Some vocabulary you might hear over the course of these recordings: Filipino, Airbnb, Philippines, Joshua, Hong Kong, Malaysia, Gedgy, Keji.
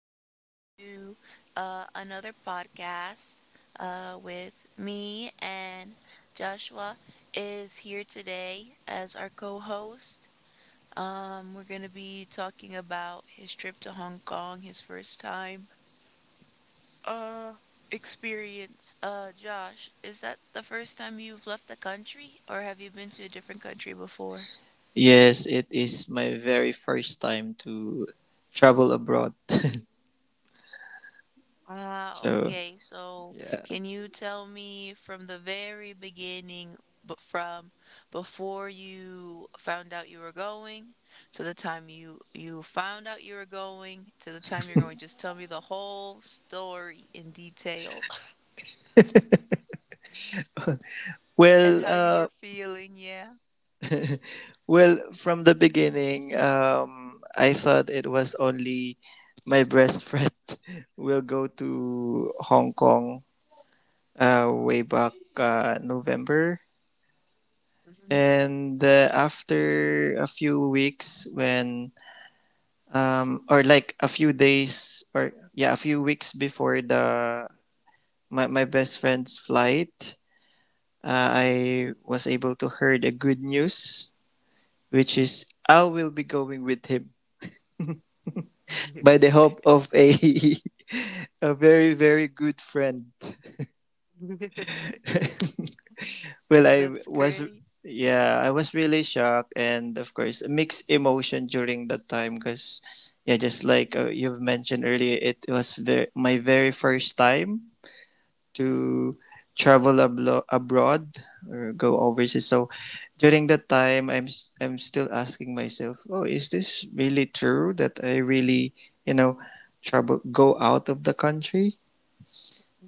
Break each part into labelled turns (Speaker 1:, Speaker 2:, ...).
Speaker 1: guys, to another podcast with me and Joshua is here today as our co-host. We're going to be talking about his trip to Hong Kong, his first time uh, experience. Josh, is that the first time you've left the country, or have you been to a different country before?
Speaker 2: Yes, it is my very first time to travel abroad.
Speaker 1: Ah,
Speaker 2: so
Speaker 1: okay. So
Speaker 2: yeah.
Speaker 1: can you tell me from the very beginning, but from before you found out you were going to the time you found out you were going to the time you're going, just tell me the whole story in detail and
Speaker 2: Well,
Speaker 1: how you were
Speaker 2: uh,
Speaker 1: feeling. Yeah.
Speaker 2: well, from the beginning, I thought it was only my best friend will go to Hong Kong way back November,
Speaker 1: Mhm.
Speaker 2: and after a few weeks when or like a few days or yeah a few weeks before the my best friend's flight, I was able to heard a good news, which is I will be going with him by the help of a a very good friend. Well I
Speaker 1: That's
Speaker 2: was
Speaker 1: great.
Speaker 2: yeah, I was really shocked and of course mixed emotion during that time because yeah, just like you've mentioned earlier, it was my very first time
Speaker 1: Mm.
Speaker 2: to travel abroad or go overseas. So during that time, I'm still asking myself, oh, is this really true that I really you know travel go out of the country?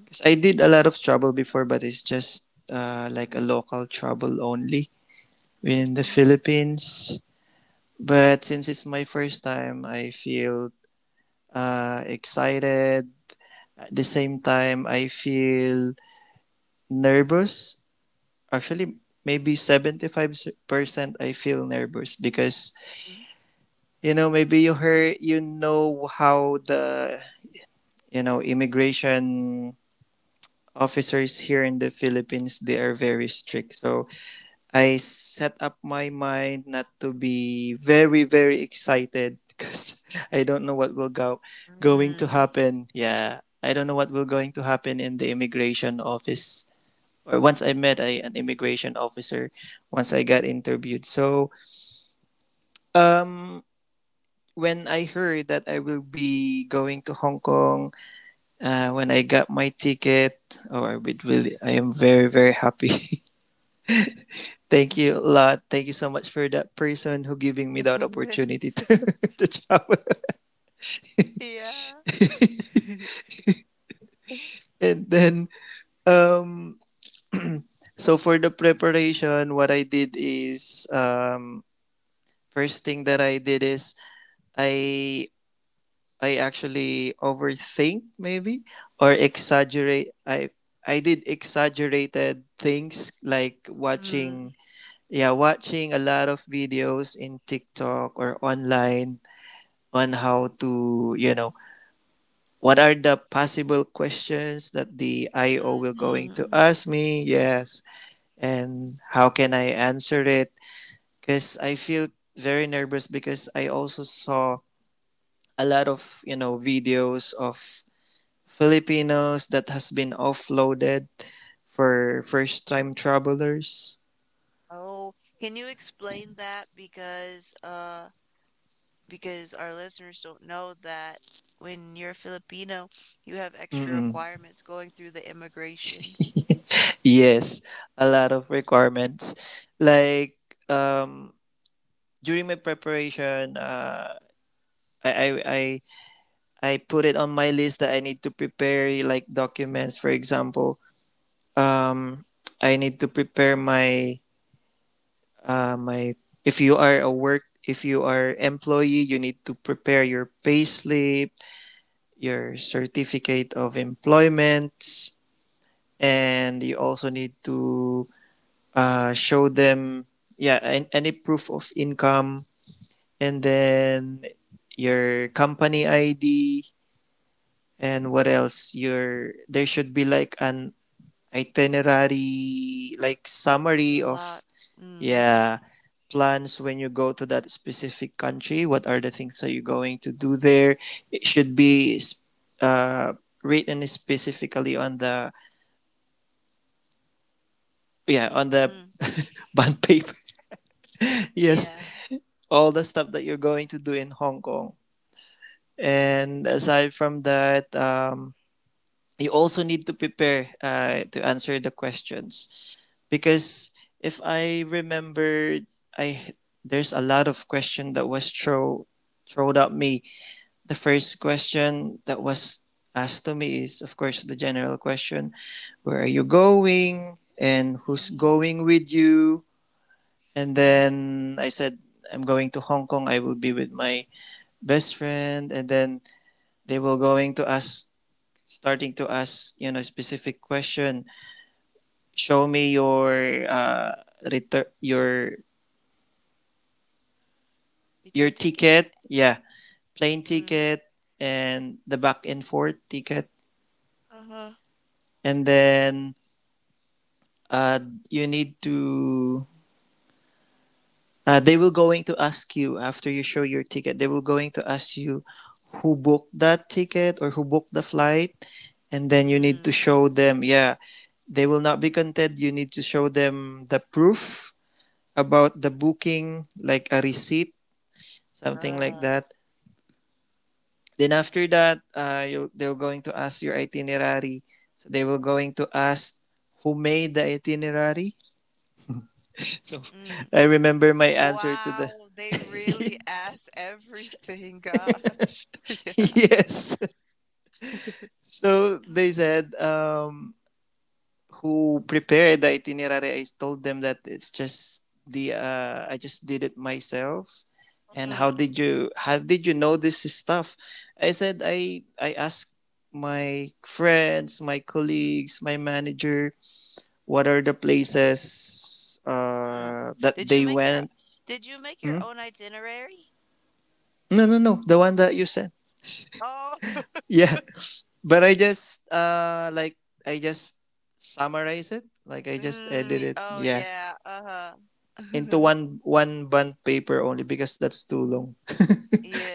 Speaker 2: Because I did a lot of travel before, but it's just like a local travel only in the
Speaker 1: Mhm.
Speaker 2: Philippines. But since it's my first time, I feel excited. At the same time, I feel nervous. Actually, maybe 75% I feel nervous because, you know, maybe you heard, you know how you know, immigration officers here in the Philippines, they are very strict. So I set up my mind not to be very excited because I don't know going to
Speaker 1: Mm.
Speaker 2: happen. Yeah. I don't know what will going to happen in the immigration office. Or once I met an immigration officer, once I got interviewed. So Um, when I heard that I will be going to Hong Kong, when I got my ticket, oh, I am very happy. Thank you a lot. Thank you so much for that person who giving me that opportunity to, to travel.
Speaker 1: Yeah.
Speaker 2: and then, um, so for the preparation, what I did is, first thing that I did is I I actually overthink, maybe or exaggerate, I did exaggerated things like
Speaker 1: Mm.
Speaker 2: watching yeah, watching a lot of videos in TikTok or online on how to, you know, what are the possible questions that the IO will going to
Speaker 1: Mm.
Speaker 2: ask me. Yes. And how can I answer it, cuz I feel very nervous, because I also saw a lot of, you know, videos of Filipinos that has been offloaded for first time travelers.
Speaker 1: Oh, can you explain that? Because our listeners don't know that when you're Filipino, you have extra
Speaker 2: Mm-mm.
Speaker 1: requirements going through the immigration.
Speaker 2: Yes, a lot of requirements. Like, um during my preparation, I I I, I put it on my list that I need to prepare like documents. For example, um I need to prepare my if you are a work, if you are employee, you need to prepare your payslip, your certificate of employment, and you also need to show them, yeah, any proof of income, and then your company ID, and what else? Your there should be like an itinerary, like
Speaker 1: It's a
Speaker 2: summary
Speaker 1: lot.
Speaker 2: of—
Speaker 1: Mm.
Speaker 2: yeah. Plans when you go to that specific country, what are the things that you're going to do there? It should be uh, written specifically on the, yeah, on the
Speaker 1: Mm.
Speaker 2: bond paper. Yes,
Speaker 1: Yeah.
Speaker 2: all the stuff that you're going to do in Hong Kong. And aside from that, you also need to prepare to answer the questions, because if I remember, I there's a lot of question that was thrown at me. The first question that was asked to me is, of course, the general question: where are you going and who's
Speaker 1: Mm.
Speaker 2: going with you? And
Speaker 1: Mm.
Speaker 2: then I said, I'm going to Hong Kong. I will be with my best friend. And then they were going to ask, starting to ask, you know, specific question. Show me your, uh, retur- your,
Speaker 1: Return
Speaker 2: your
Speaker 1: ticket?
Speaker 2: ticket. Yeah. Plane
Speaker 1: Mm.
Speaker 2: ticket and the back and forth ticket.
Speaker 1: Uh-huh.
Speaker 2: And then uh, you need to, they will going to ask you, after you show your ticket, they will going to ask you who booked that ticket or who booked the flight. And then you need to
Speaker 1: Mm.
Speaker 2: show them. Yeah, they will not be content, you need to show them the proof about the booking, like a receipt, something like
Speaker 1: Uh.
Speaker 2: that. Then after that, you, they're going to ask your itinerary. So they will going to ask who made the itinerary. So
Speaker 1: Mm.
Speaker 2: I remember my answer to the—
Speaker 1: Wow, they really ask everything, gosh.
Speaker 2: yes. So they said, who prepared the itinerary. I told them that it's just the, I just did it myself. And
Speaker 1: Yeah.
Speaker 2: how did you, how did you know this stuff? I said, I asked my friends, my colleagues, my manager, what are the places
Speaker 1: Mm.
Speaker 2: that
Speaker 1: Did you
Speaker 2: they
Speaker 1: make your
Speaker 2: went?
Speaker 1: did you make your
Speaker 2: Hmm?
Speaker 1: own itinerary?
Speaker 2: No, no, no, the one that you said.
Speaker 1: Oh,
Speaker 2: Yeah, but I just I just summarize it. Like I just edit
Speaker 1: mm,
Speaker 2: it.
Speaker 1: oh
Speaker 2: Yeah.
Speaker 1: yeah. Uh-huh.
Speaker 2: Into one bond paper only because that's too long.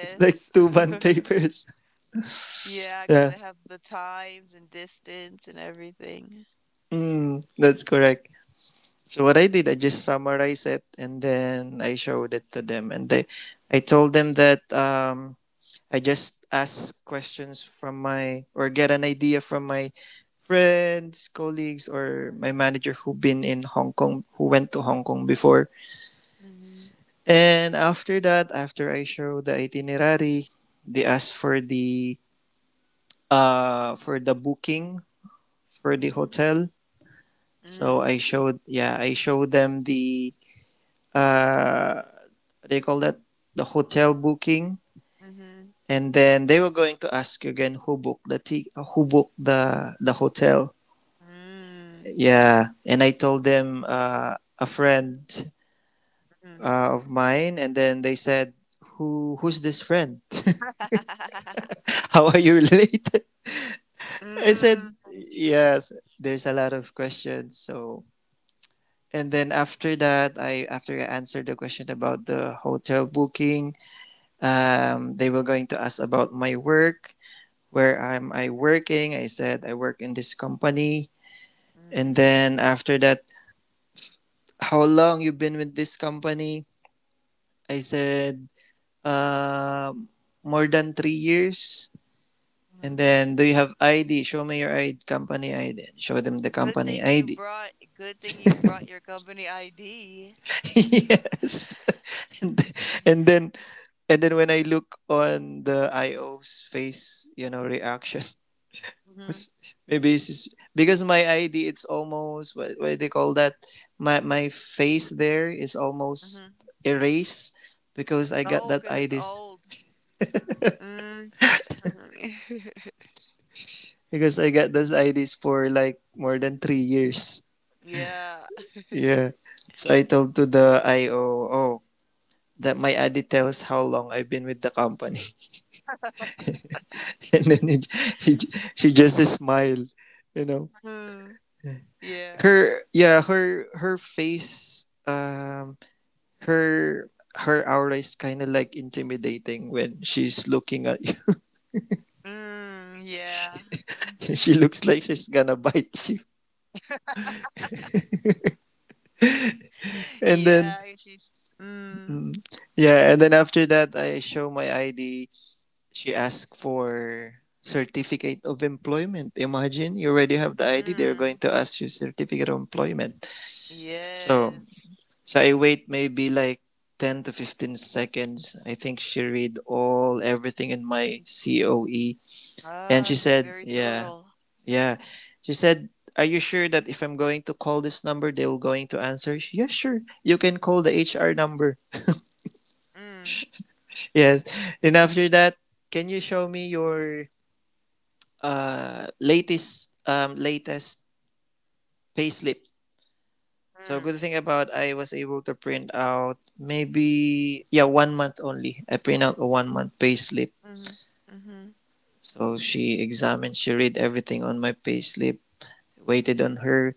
Speaker 2: It's like two bond papers.
Speaker 1: Yeah, 'cause
Speaker 2: Yeah.
Speaker 1: they have the times and distance and everything.
Speaker 2: Mm, that's correct. So what I did, I just summarized it and then I showed it to them, and they— I told them that, I just ask questions from my, or get an idea from my friends, colleagues, or my manager who been in Hong Kong, who went to Hong Kong before.
Speaker 1: Mm-hmm.
Speaker 2: And after that, after I show the itinerary, they ask for the, for the booking for the
Speaker 1: Mm-hmm.
Speaker 2: hotel. So
Speaker 1: Mm.
Speaker 2: I showed, yeah, I showed them the, uh they call that, the hotel booking.
Speaker 1: Mm-hmm.
Speaker 2: And then they were going to ask again who booked who booked the hotel.
Speaker 1: Mm.
Speaker 2: Yeah, and I told them, a friend
Speaker 1: Mm.
Speaker 2: of mine, and then they said, "Who, who's this friend? How are you related?" I said,
Speaker 1: Mm.
Speaker 2: "Yes." There's a lot of questions. So and then after that, I after I answered the question about the hotel booking, they were going to ask about my work, where am I working? I said I work in this company, and
Speaker 1: Mm.
Speaker 2: then after that, how long you been with this company? I said, Uh, more than 3 years. And
Speaker 1: Mm.
Speaker 2: then, do you have ID? Show me your ID, company ID. Show them the company ID.
Speaker 1: Good thing you brought your company ID.
Speaker 2: Yes. And, and then, and then when I look on the IO's face, you know, reaction
Speaker 1: Mm-hmm.
Speaker 2: was, maybe it's just because my ID, it's almost, what do they call that? My face there is almost
Speaker 1: Mm-hmm.
Speaker 2: erased because I
Speaker 1: Oh,
Speaker 2: got
Speaker 1: 'cause
Speaker 2: that
Speaker 1: it's
Speaker 2: IDs
Speaker 1: old. Mm.
Speaker 2: because I got those IDs for like more than 3 years.
Speaker 1: Yeah.
Speaker 2: Yeah. So I told to the IO, oh, that my ID tells how long I've been with the company. And then it, she, she just smiled, you know.
Speaker 1: Mm. Yeah.
Speaker 2: Her face, her, her aura is kind of like intimidating when she's looking at you.
Speaker 1: Mm. Yeah.
Speaker 2: She looks like she's gonna bite you. And then,
Speaker 1: Yeah. And she's. Mm.
Speaker 2: mm, yeah, and then after that, I show my ID, she asked for certificate of employment. Imagine you already have the ID, they're going
Speaker 1: Mm.
Speaker 2: to ask you certificate of employment. So
Speaker 1: Yes.
Speaker 2: I wait maybe like 10 to 15 seconds. I think she read all everything in my COE, and
Speaker 1: Ah,
Speaker 2: she
Speaker 1: she's
Speaker 2: said,
Speaker 1: very
Speaker 2: "Yeah,
Speaker 1: thorough.
Speaker 2: yeah." She said, "Are you sure that if I'm going to call this number, they'll going to answer?" Yeah, sure. You can call the HR number.
Speaker 1: Mm.
Speaker 2: Yes. And after that, can you show me your latest payslip. So
Speaker 1: Mm.
Speaker 2: good thing about, I was able to print out maybe, yeah, 1 month only. I print out a 1 month payslip.
Speaker 1: Mm. Mm.
Speaker 2: So she examined, she read everything on my payslip, waited on her,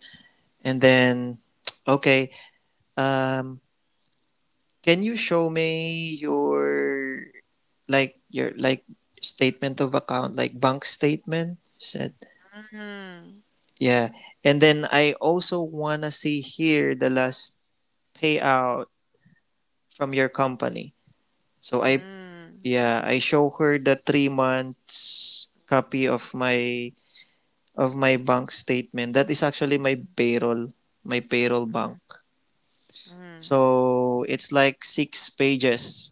Speaker 2: and then okay, um, can you show me your, like, your, like, statement of account, like bank statement? She said,
Speaker 1: Mm.
Speaker 2: yeah, and then I also wanna see here the last payout from your company. So I
Speaker 1: Mm.
Speaker 2: yeah, I show her the 3 months copy of my bank statement. That is actually
Speaker 1: Mhm,
Speaker 2: my payroll bank.
Speaker 1: mhm, mhm.
Speaker 2: So it's like 6 pages.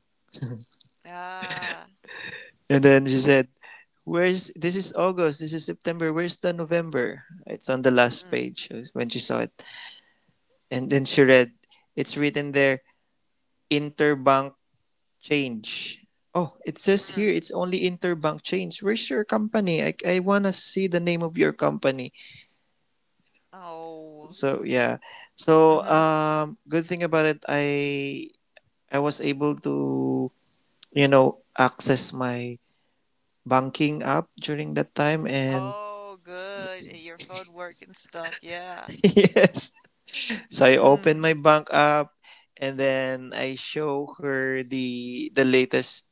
Speaker 1: Ah,
Speaker 2: And then she said, "Where's— this is August, this is September, where's the November?" It's on the last
Speaker 1: mm,
Speaker 2: page when she saw it. And then she read, it's written there interbank change. Oh, it says
Speaker 1: mm.
Speaker 2: here it's only interbank change. Where's your company? I want to see the name of your company.
Speaker 1: Oh,
Speaker 2: So yeah. So
Speaker 1: hmm.
Speaker 2: good thing about it, I was able to, you know, access my banking app during that time. And
Speaker 1: Oh, good. Your phone work and stuff. Yeah.
Speaker 2: yes. So I opened my
Speaker 1: Mm,
Speaker 2: bank app and then I show her the latest,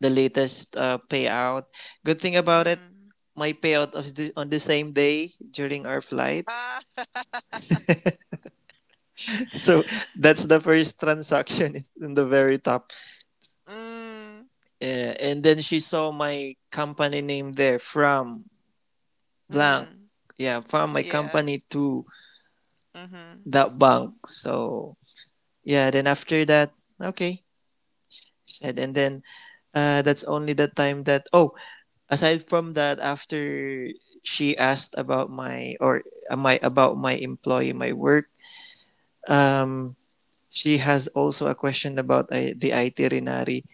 Speaker 2: payout. Good thing about it,
Speaker 1: mm.
Speaker 2: my payout was on the same day during our flight.
Speaker 1: Ah.
Speaker 2: So that's the first transaction in the very top.
Speaker 1: Mm,
Speaker 2: And then she saw my company name there from blank.
Speaker 1: mm,
Speaker 2: Yeah, from my
Speaker 1: yeah.
Speaker 2: company to
Speaker 1: Mm-hmm.
Speaker 2: that bank. So yeah, then after that, okay, she said. And then that's only the time that, oh, aside from that, after she asked about my, or my, about my employee, my work, um, she has also a question about the itinerary.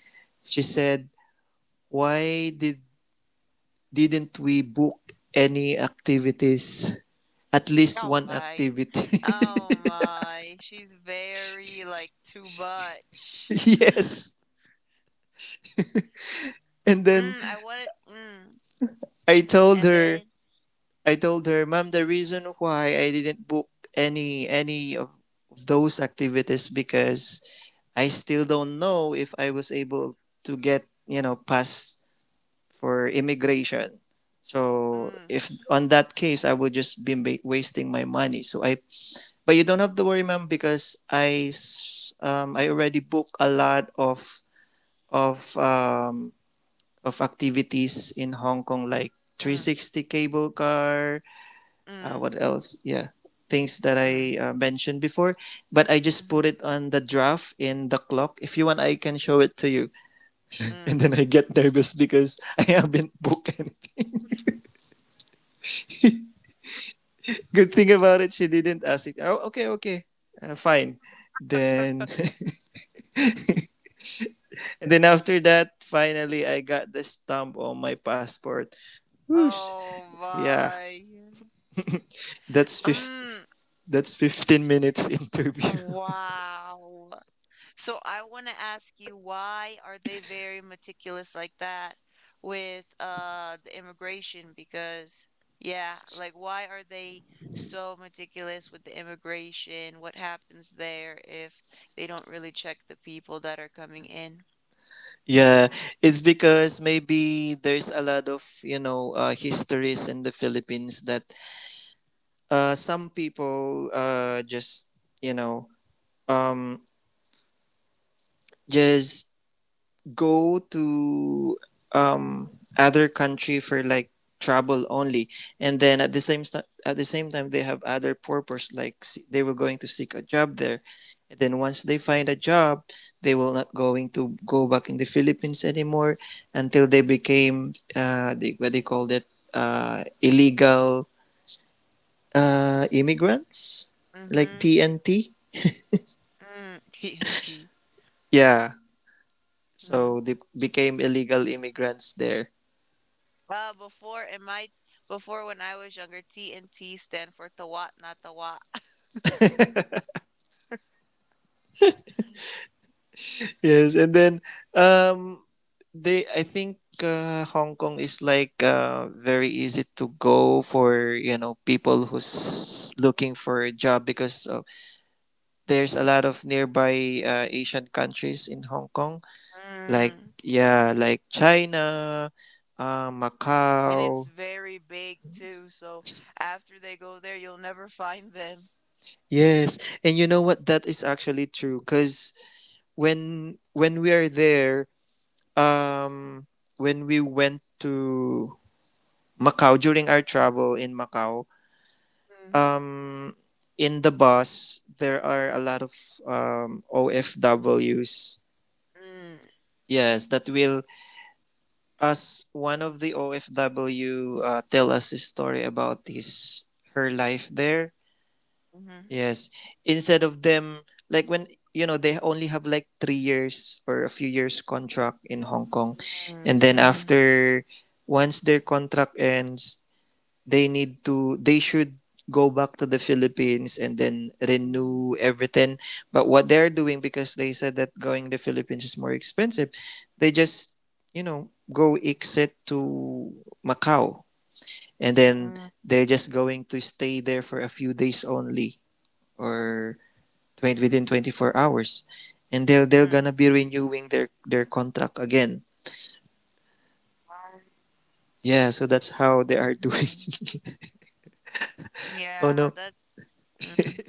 Speaker 2: She said, "Why did didn't we book any activities? At least
Speaker 1: Oh
Speaker 2: one
Speaker 1: my.
Speaker 2: activity."
Speaker 1: Oh my. She's very like too much.
Speaker 2: Yes. And then
Speaker 1: Mm, I want it. Mm.
Speaker 2: I told
Speaker 1: And
Speaker 2: her,
Speaker 1: then
Speaker 2: I told her, "Ma'am, the reason why I didn't book any of those activities because I still don't know if I was able to get, you know, past for immigration. So
Speaker 1: mm,
Speaker 2: if on that case, I would just be wasting my money. So I, but you don't have to worry, ma'am, because I already booked a lot of of um, of activities in Hong Kong, like
Speaker 1: mm,
Speaker 2: 360 cable car.
Speaker 1: mm,
Speaker 2: What else? Yeah, things that
Speaker 1: mm,
Speaker 2: I mentioned before. But I just put
Speaker 1: mm-hmm,
Speaker 2: it on the draft in the clock. If you want, I can show it to you." And
Speaker 1: mm.
Speaker 2: then I get nervous because I haven't booked any. Good thing about it, she didn't ask it. Oh, okay, okay, fine. Then, and then after that, finally, I got the stamp on my passport. Whoosh.
Speaker 1: Oh
Speaker 2: Yeah,
Speaker 1: my.
Speaker 2: that's fif
Speaker 1: Mm,
Speaker 2: that's 15 minutes interview.
Speaker 1: wow. So I want to ask you, why are they very meticulous like that with the immigration? Because yeah, like why are they so meticulous with the immigration? What happens there if they don't really check the people that are coming in?
Speaker 2: Yeah, it's because maybe there's a lot of, you know, histories in the Philippines that some people, just, you know, um, just go to um other country for like travel only, and then at the same time they have other purpose like they were going to seek a job there, and then once they find a job they will not going to go back in the Philippines anymore until they became the, what they called it, illegal immigrants, like
Speaker 1: Mm-hmm.
Speaker 2: TNT.
Speaker 1: Mm, TNT.
Speaker 2: Yeah,
Speaker 1: Mm.
Speaker 2: so they became illegal immigrants there.
Speaker 1: Before in my Before when I was younger, TNT stand for Tawat, not Tawat.
Speaker 2: Yes, and then um they, I think Hong Kong is like very easy to go for, you know, people who's looking for a job because of, there's a lot of nearby Asian countries in Hong Kong, like yeah, like China,
Speaker 1: And it's
Speaker 2: Macau.
Speaker 1: very big too, so after they go there, you'll never find them.
Speaker 2: Yes, and you know what? That is actually true because when we are there, um, when we went to Macau during our travel in Macau,
Speaker 1: Mm,
Speaker 2: um, in the bus there are a lot of OFWs.
Speaker 1: mm,
Speaker 2: Yes, that will us one of the OFW tell us a story about his her life there.
Speaker 1: mhm,
Speaker 2: Yes, instead of them, like, when you know, they only have like 3 years or a few years contract in Hong Kong,
Speaker 1: mm,
Speaker 2: and then
Speaker 1: mhm,
Speaker 2: after once their contract ends they should go back to the Philippines and then renew everything. But what they're doing, because they said that going to the Philippines is more expensive, they just, you know, go exit to Macau, and then
Speaker 1: mhm,
Speaker 2: they're just going to stay there for a few days only, or 20 within 24 hours, and they're
Speaker 1: mm,
Speaker 2: gonna be renewing their contract again. Yeah, so that's how they
Speaker 1: mhm,
Speaker 2: are doing.
Speaker 1: mhm.
Speaker 2: Oh
Speaker 1: Yeah,
Speaker 2: no.
Speaker 1: that. Mhm.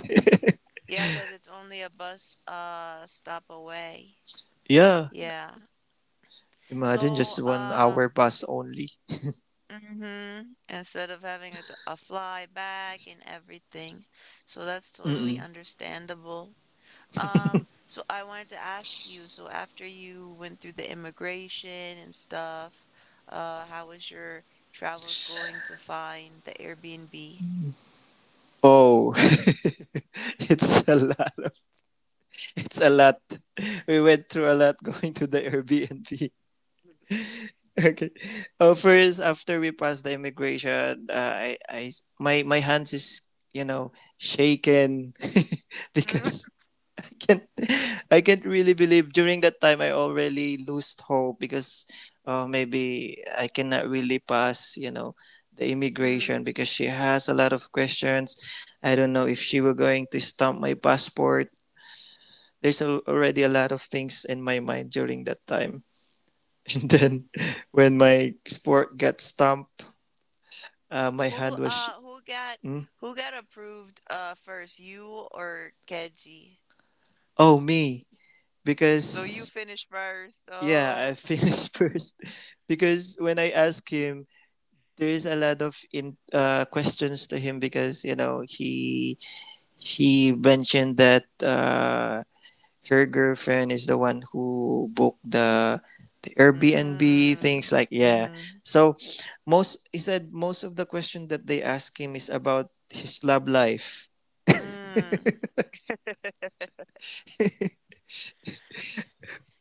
Speaker 1: Yeah, because it's only a bus stop away.
Speaker 2: Yeah.
Speaker 1: Yeah.
Speaker 2: Imagine
Speaker 1: So,
Speaker 2: just one hour bus only.
Speaker 1: mhm, instead of having a, a fly back and everything. So that's
Speaker 2: Mm-mm.
Speaker 1: totally understandable. So I wanted to ask you, so after you went through the immigration and stuff, how was your travels going to find the Airbnb?
Speaker 2: Oh, it's a lot. Of, it's a lot. We went through a lot going to the Airbnb. Okay. Oh, first after we passed the immigration, I, my hands is, you know, shaken
Speaker 1: Mm.
Speaker 2: because can't I can't really believe during that time I already lost hope because maybe I cannot really pass, you know, the
Speaker 1: Mm.
Speaker 2: immigration because she has a lot of questions. I don't know if she will going to stamp my passport. There's al already a lot of things in my mind during that time. And then when my sport got stamped, my
Speaker 1: Who
Speaker 2: hand was
Speaker 1: uh who got
Speaker 2: hmm?
Speaker 1: who got approved first, you or Keji?
Speaker 2: Oh me,
Speaker 1: So you
Speaker 2: because
Speaker 1: finished first.
Speaker 2: yeah I
Speaker 1: Oh.
Speaker 2: finished first because when I asked him there's a lot of questions to him because, you know, he mentioned that her girlfriend is the one who booked the Airbnb,
Speaker 1: Mm.
Speaker 2: things like yeah.
Speaker 1: Mm-hmm.
Speaker 2: So most he said most of the question that they ask him is about his love life.
Speaker 1: Mm.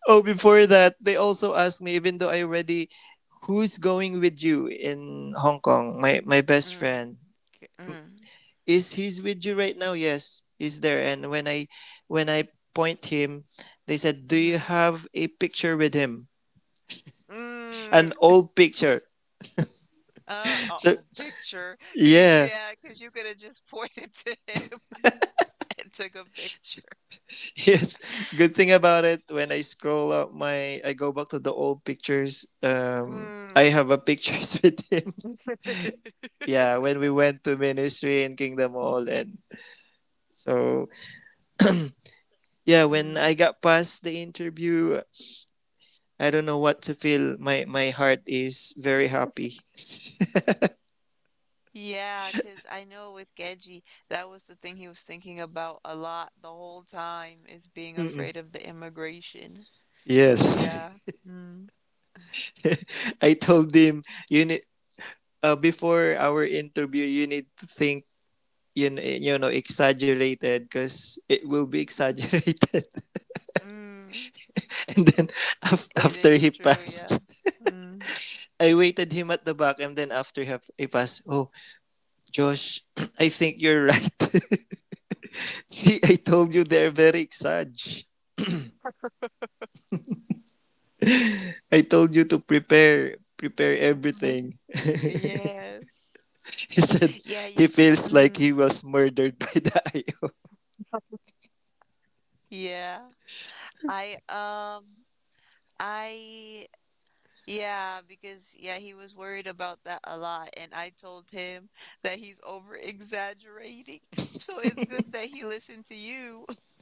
Speaker 2: Oh, before
Speaker 1: You,
Speaker 2: that they also asked me, even though I already who's going with you in Hong Kong? My best
Speaker 1: mm.
Speaker 2: friend.
Speaker 1: Mm.
Speaker 2: Is he's with you right now? Yes, he's there. And when I point him, they said, "Do you
Speaker 1: Mm-hmm.
Speaker 2: have a picture with him, an
Speaker 1: Mm.
Speaker 2: old picture?"
Speaker 1: A
Speaker 2: So
Speaker 1: old picture. Because you
Speaker 2: yeah.
Speaker 1: yeah, because you could have just pointed to him and took a picture.
Speaker 2: Yes, good thing about it, when I scroll up my, I go back to the old pictures, um, I
Speaker 1: Mm.
Speaker 2: have a pictures with him. Yeah, when we went to ministry in kingdom hall. And so yeah, when
Speaker 1: Mm.
Speaker 2: I got past the interview, I don't know what to feel, my heart is very happy.
Speaker 1: Yeah, because I know with Gedgy, that was the thing he was thinking about a lot the whole time is being
Speaker 2: Mm-mm.
Speaker 1: afraid of the immigration. So
Speaker 2: Yes.
Speaker 1: yeah. Mm.
Speaker 2: I told him, you need, before our interview you need to think, you know, you know, exaggerated because it will be exaggerated.
Speaker 1: Mm.
Speaker 2: And then
Speaker 1: It
Speaker 2: after
Speaker 1: is
Speaker 2: he
Speaker 1: true,
Speaker 2: passed,
Speaker 1: yeah. Mm.
Speaker 2: I waited him at the back, and then after he passed, "Oh Josh, I think you're right. See, I told you they're very exag, I told you to prepare
Speaker 1: Mhm.
Speaker 2: everything."
Speaker 1: Yes.
Speaker 2: He said
Speaker 1: Yeah, you.
Speaker 2: he feels like
Speaker 1: Mm.
Speaker 2: he was murdered by the.
Speaker 1: Yeah. I I yeah, because yeah, he was worried about that a lot and I told him that he's over exaggerating. So it's good that he listened to you.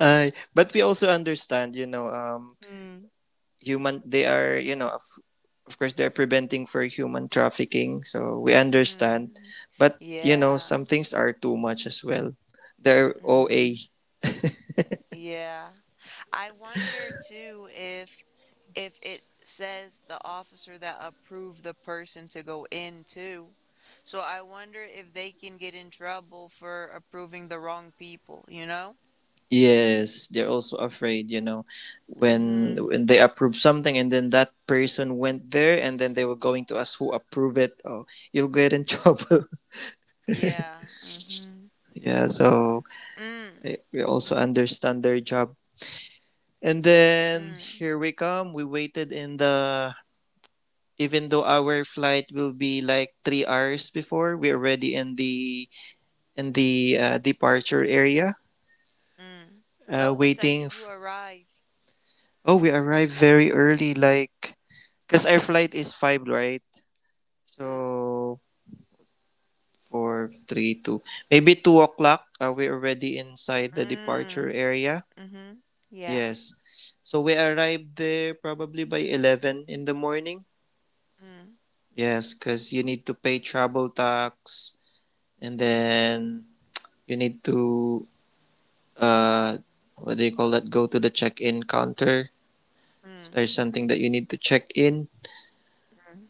Speaker 2: But we also understand, you know,
Speaker 1: Mm,
Speaker 2: human, they are, you know, of course, they're preventing for human trafficking. So we understand.
Speaker 1: mm,
Speaker 2: But, you know,
Speaker 1: yeah.
Speaker 2: some things are too much as well. They're OA.
Speaker 1: Mm-hmm. Yeah. I wonder too if it says the officer that approved the person to go in too. So I wonder if they can get in trouble for approving the wrong people, you know?
Speaker 2: Yes, they're also afraid, you know, when
Speaker 1: Mm-hmm.
Speaker 2: when they approve something and then that person went there and then they were going to ask who approve it. Oh, you'll get in trouble.
Speaker 1: Yeah. Mm-hmm.
Speaker 2: Yeah, so
Speaker 1: Mm.
Speaker 2: I, we also understand their job. And then
Speaker 1: Mm.
Speaker 2: here we come. We waited in the, even though our flight will be like 3 hours before, we're already in the departure area,
Speaker 1: Mm. Oh, what time
Speaker 2: waiting.
Speaker 1: did you
Speaker 2: F-
Speaker 1: arrive?
Speaker 2: oh, we arrived very early, like, because our flight is five, right?
Speaker 1: Mm.
Speaker 2: So four, three, 2, maybe 2 o'clock. We're already inside the departure
Speaker 1: Mm.
Speaker 2: area.
Speaker 1: Mm-hmm. Yeah.
Speaker 2: Yes, so we arrived there probably by 11 in the morning.
Speaker 1: Mm.
Speaker 2: Yes, because you need to pay travel tax, and then you need to, uh, what do you call that? Go to the check-in counter if
Speaker 1: Mm.
Speaker 2: there's something that you need to check in.
Speaker 1: Mm.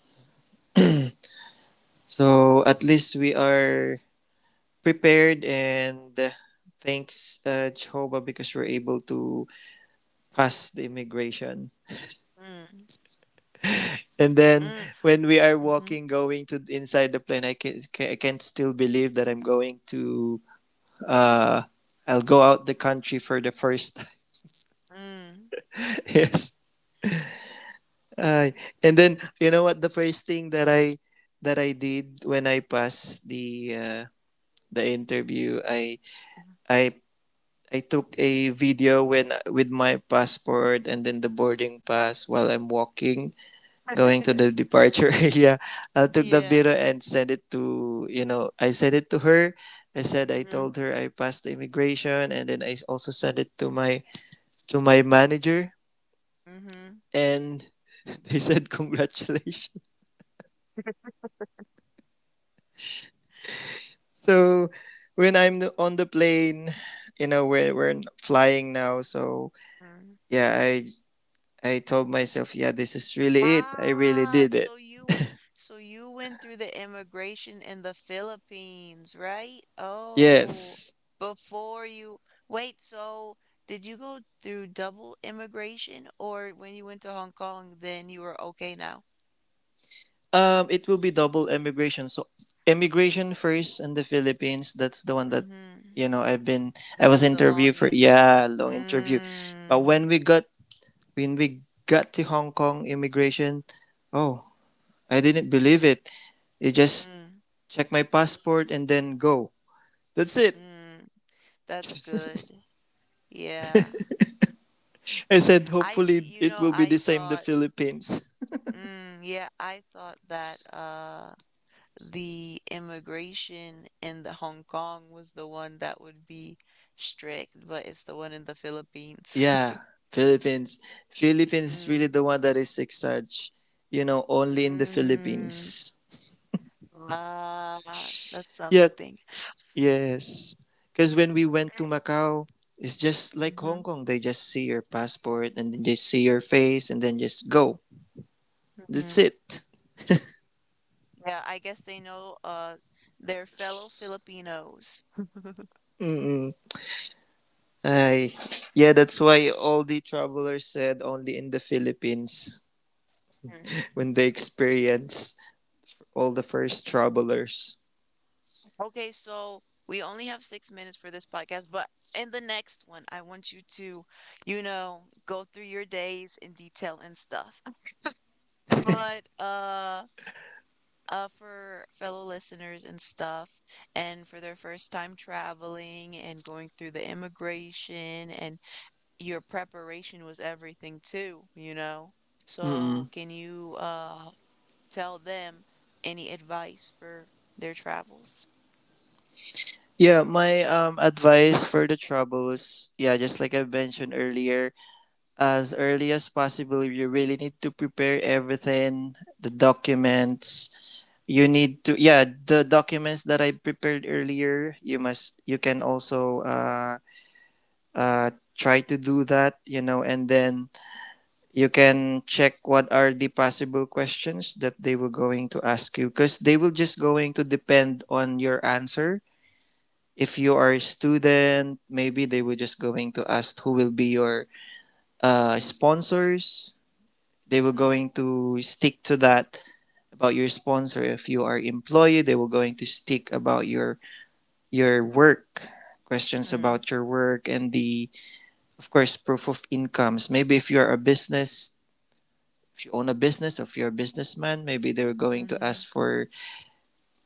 Speaker 2: So at least we are prepared, and thanks, Jehovah, because we're able to pass the immigration.
Speaker 1: Mm.
Speaker 2: And then
Speaker 1: Mm.
Speaker 2: when we are
Speaker 1: Mm-hmm.
Speaker 2: walking, going to inside the plane, I can not still believe that I'm going to, uh, I'll go out the country for the first time.
Speaker 1: Mm.
Speaker 2: Yes. Ay, and then you know what the first thing that I did when I passed the, the interview, I I took a video when with my passport and then the boarding pass while I'm walking going to the departure area. I took the
Speaker 1: Yeah.
Speaker 2: video and sent it to, you know, I sent it to her. I said, I
Speaker 1: Mm-hmm.
Speaker 2: told her I passed the immigration, and then I also sent it to my manager,
Speaker 1: Mm-hmm.
Speaker 2: and they said congratulations. So when I'm on the plane, you know, flying now. So
Speaker 1: Mm.
Speaker 2: yeah, I told myself, yeah, this is really it. I really
Speaker 1: Ah,
Speaker 2: did it.
Speaker 1: so you went through the immigration in the Philippines, right? Oh,
Speaker 2: Yes.
Speaker 1: before you wait, so did you go through double immigration or when you went to Hong Kong, then you were okay now?
Speaker 2: It will be double immigration. So, immigration first in the Philippines. That's the one that,
Speaker 1: Mm-hmm.
Speaker 2: you know, I've been. I
Speaker 1: That
Speaker 2: was
Speaker 1: was the
Speaker 2: interviewed for,
Speaker 1: longest.
Speaker 2: yeah, long interview. But
Speaker 1: Mm,
Speaker 2: when we got to Hong Kong immigration, oh, I didn't believe it. They just
Speaker 1: mm,
Speaker 2: check my passport and then go. That's it.
Speaker 1: mm. That's good. Yeah.
Speaker 2: I said,
Speaker 1: I,
Speaker 2: hopefully
Speaker 1: you
Speaker 2: it
Speaker 1: know,
Speaker 2: will be
Speaker 1: I
Speaker 2: the same the
Speaker 1: thought,
Speaker 2: Philippines.
Speaker 1: mm, yeah, I thought that, the immigration in the Hong Kong was the one that would be strict, but it's the one in the Philippines.
Speaker 2: Yeah, Philippines. Philippines is really
Speaker 1: Mm,
Speaker 2: the one that is six such. You know, only in the
Speaker 1: mm,
Speaker 2: Philippines.
Speaker 1: ah, that's
Speaker 2: Yeah,
Speaker 1: something.
Speaker 2: yes. Because when we went to Macau, it's just like
Speaker 1: Mm-hmm,
Speaker 2: Hong Kong. They just see your passport and then just see your face and then just go. That's
Speaker 1: mm-hmm.
Speaker 2: it.
Speaker 1: Yeah, I guess they know their fellow Filipinos.
Speaker 2: Mm-mm. Ay, yeah, that's why all the travelers said only in the Philippines
Speaker 1: Mhm.
Speaker 2: when they experience all the first travelers.
Speaker 1: Okay, so we only have 6 minutes for this podcast, but in the next one, I want you to, you know, go through your days in detail and stuff. But for fellow listeners and stuff, and for their first time traveling and going through the immigration, and your preparation was everything too, you know? So,
Speaker 2: Mm-mm.
Speaker 1: can you tell them any advice for their travels?
Speaker 2: Yeah, my advice for the troubles, yeah, just like I mentioned earlier, as early as possible, you really need to prepare everything, the documents. You need to, yeah, the documents that I prepared earlier, you must, you can also uh try to do that, you know, and then you can check what are the possible questions that they will going to ask you, because they will just going to depend on your answer. If you are a student, maybe they were just going to ask who will be your, sponsors. They were
Speaker 1: Mm,
Speaker 2: going to stick to that about your sponsor. If you are employee, they were going to stick about your work, questions
Speaker 1: mm,
Speaker 2: about your work, and the, of course, proof of incomes. Maybe if you're a business, if you own a business, or if you're a businessman, maybe they're going to
Speaker 1: mm-hmm.
Speaker 2: ask for,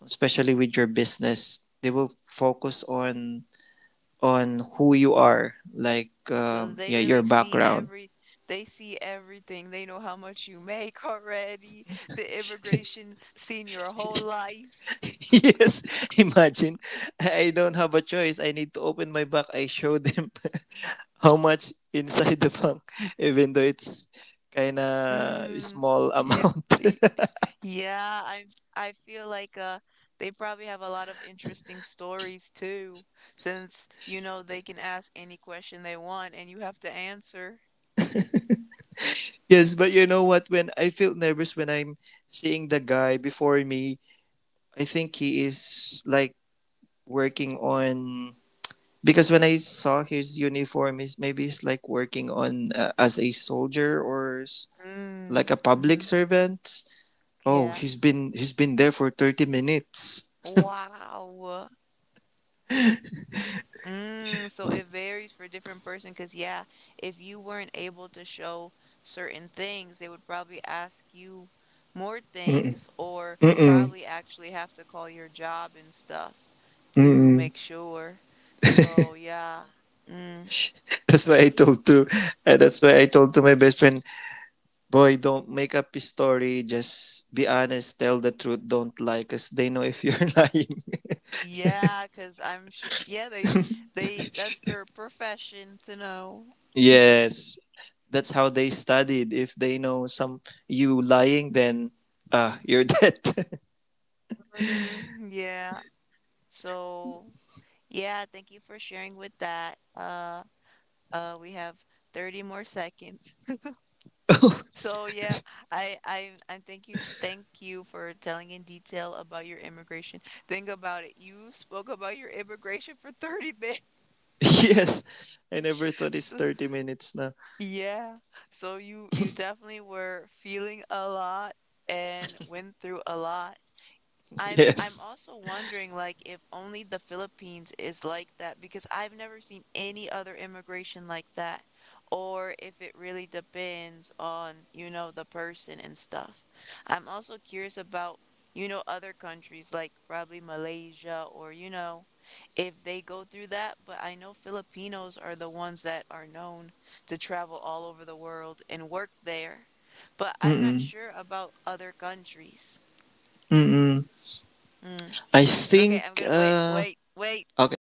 Speaker 2: especially with your business, they will focus on who you are, like,
Speaker 1: So they
Speaker 2: yeah, your
Speaker 1: really see
Speaker 2: background.
Speaker 1: every, they see everything. They know how much you make already. The immigration seen your whole life.
Speaker 2: Yes, imagine, I don't have a choice. I need to open my back. I show them how much inside the bank, even though it's kind of
Speaker 1: Mm,
Speaker 2: small
Speaker 1: yeah.
Speaker 2: amount.
Speaker 1: y- Yeah, I feel like they probably have a lot of interesting stories too, since you know they can ask any question they want and you have to answer.
Speaker 2: Yes, but you know what? When I feel nervous when I'm seeing the guy before me, I think he is like working on because when I saw his uniform, he's maybe he's like working on, as a soldier or like
Speaker 1: Mm,
Speaker 2: a public
Speaker 1: mm-hmm.
Speaker 2: servant. Oh,
Speaker 1: Yeah.
Speaker 2: he's been there for 30 minutes.
Speaker 1: Wow. Mm, so it varies for different person because yeah, if you weren't able to show certain things, they would probably ask you more
Speaker 2: Mm-mm.
Speaker 1: things or
Speaker 2: Mm-mm.
Speaker 1: probably actually have to call your job and stuff to
Speaker 2: Mm-mm.
Speaker 1: make sure. So yeah. Mm,
Speaker 2: That's why I told to that's why I told to my best friend, boy, don't make up a story, just be honest, tell the truth, don't lie, cuz they know if you're lying.
Speaker 1: yeah, 'cause I'm sure yeah, they that's their profession to know.
Speaker 2: Yes. That's how they studied. If they know some you lying, then, ah, you're dead.
Speaker 1: Hmm, yeah. So yeah, thank you for sharing with that. We have 30 more seconds. So yeah, I thank you, for telling in detail about your immigration. Think about it. You spoke about your immigration for 30 minutes.
Speaker 2: Yes. I never thought it's
Speaker 1: So,
Speaker 2: 30 minutes now.
Speaker 1: yeah. So you definitely were feeling a lot and went through a lot. I'm
Speaker 2: Yes.
Speaker 1: also wondering like if only the Philippines is like that because I've never seen any other immigration like that or if it really depends on, you know, the person and stuff. I'm also curious about, you know, other countries like probably Malaysia or, you know, if they go through that, but I know Filipinos are the ones that are known to travel all over the world and work there. But I'm not
Speaker 2: Mm-mm.
Speaker 1: sure about other countries.
Speaker 2: Mm-mm.
Speaker 1: Mm.
Speaker 2: I
Speaker 1: Okay,
Speaker 2: think
Speaker 1: I'm gonna wait, wait, wait.
Speaker 2: okay.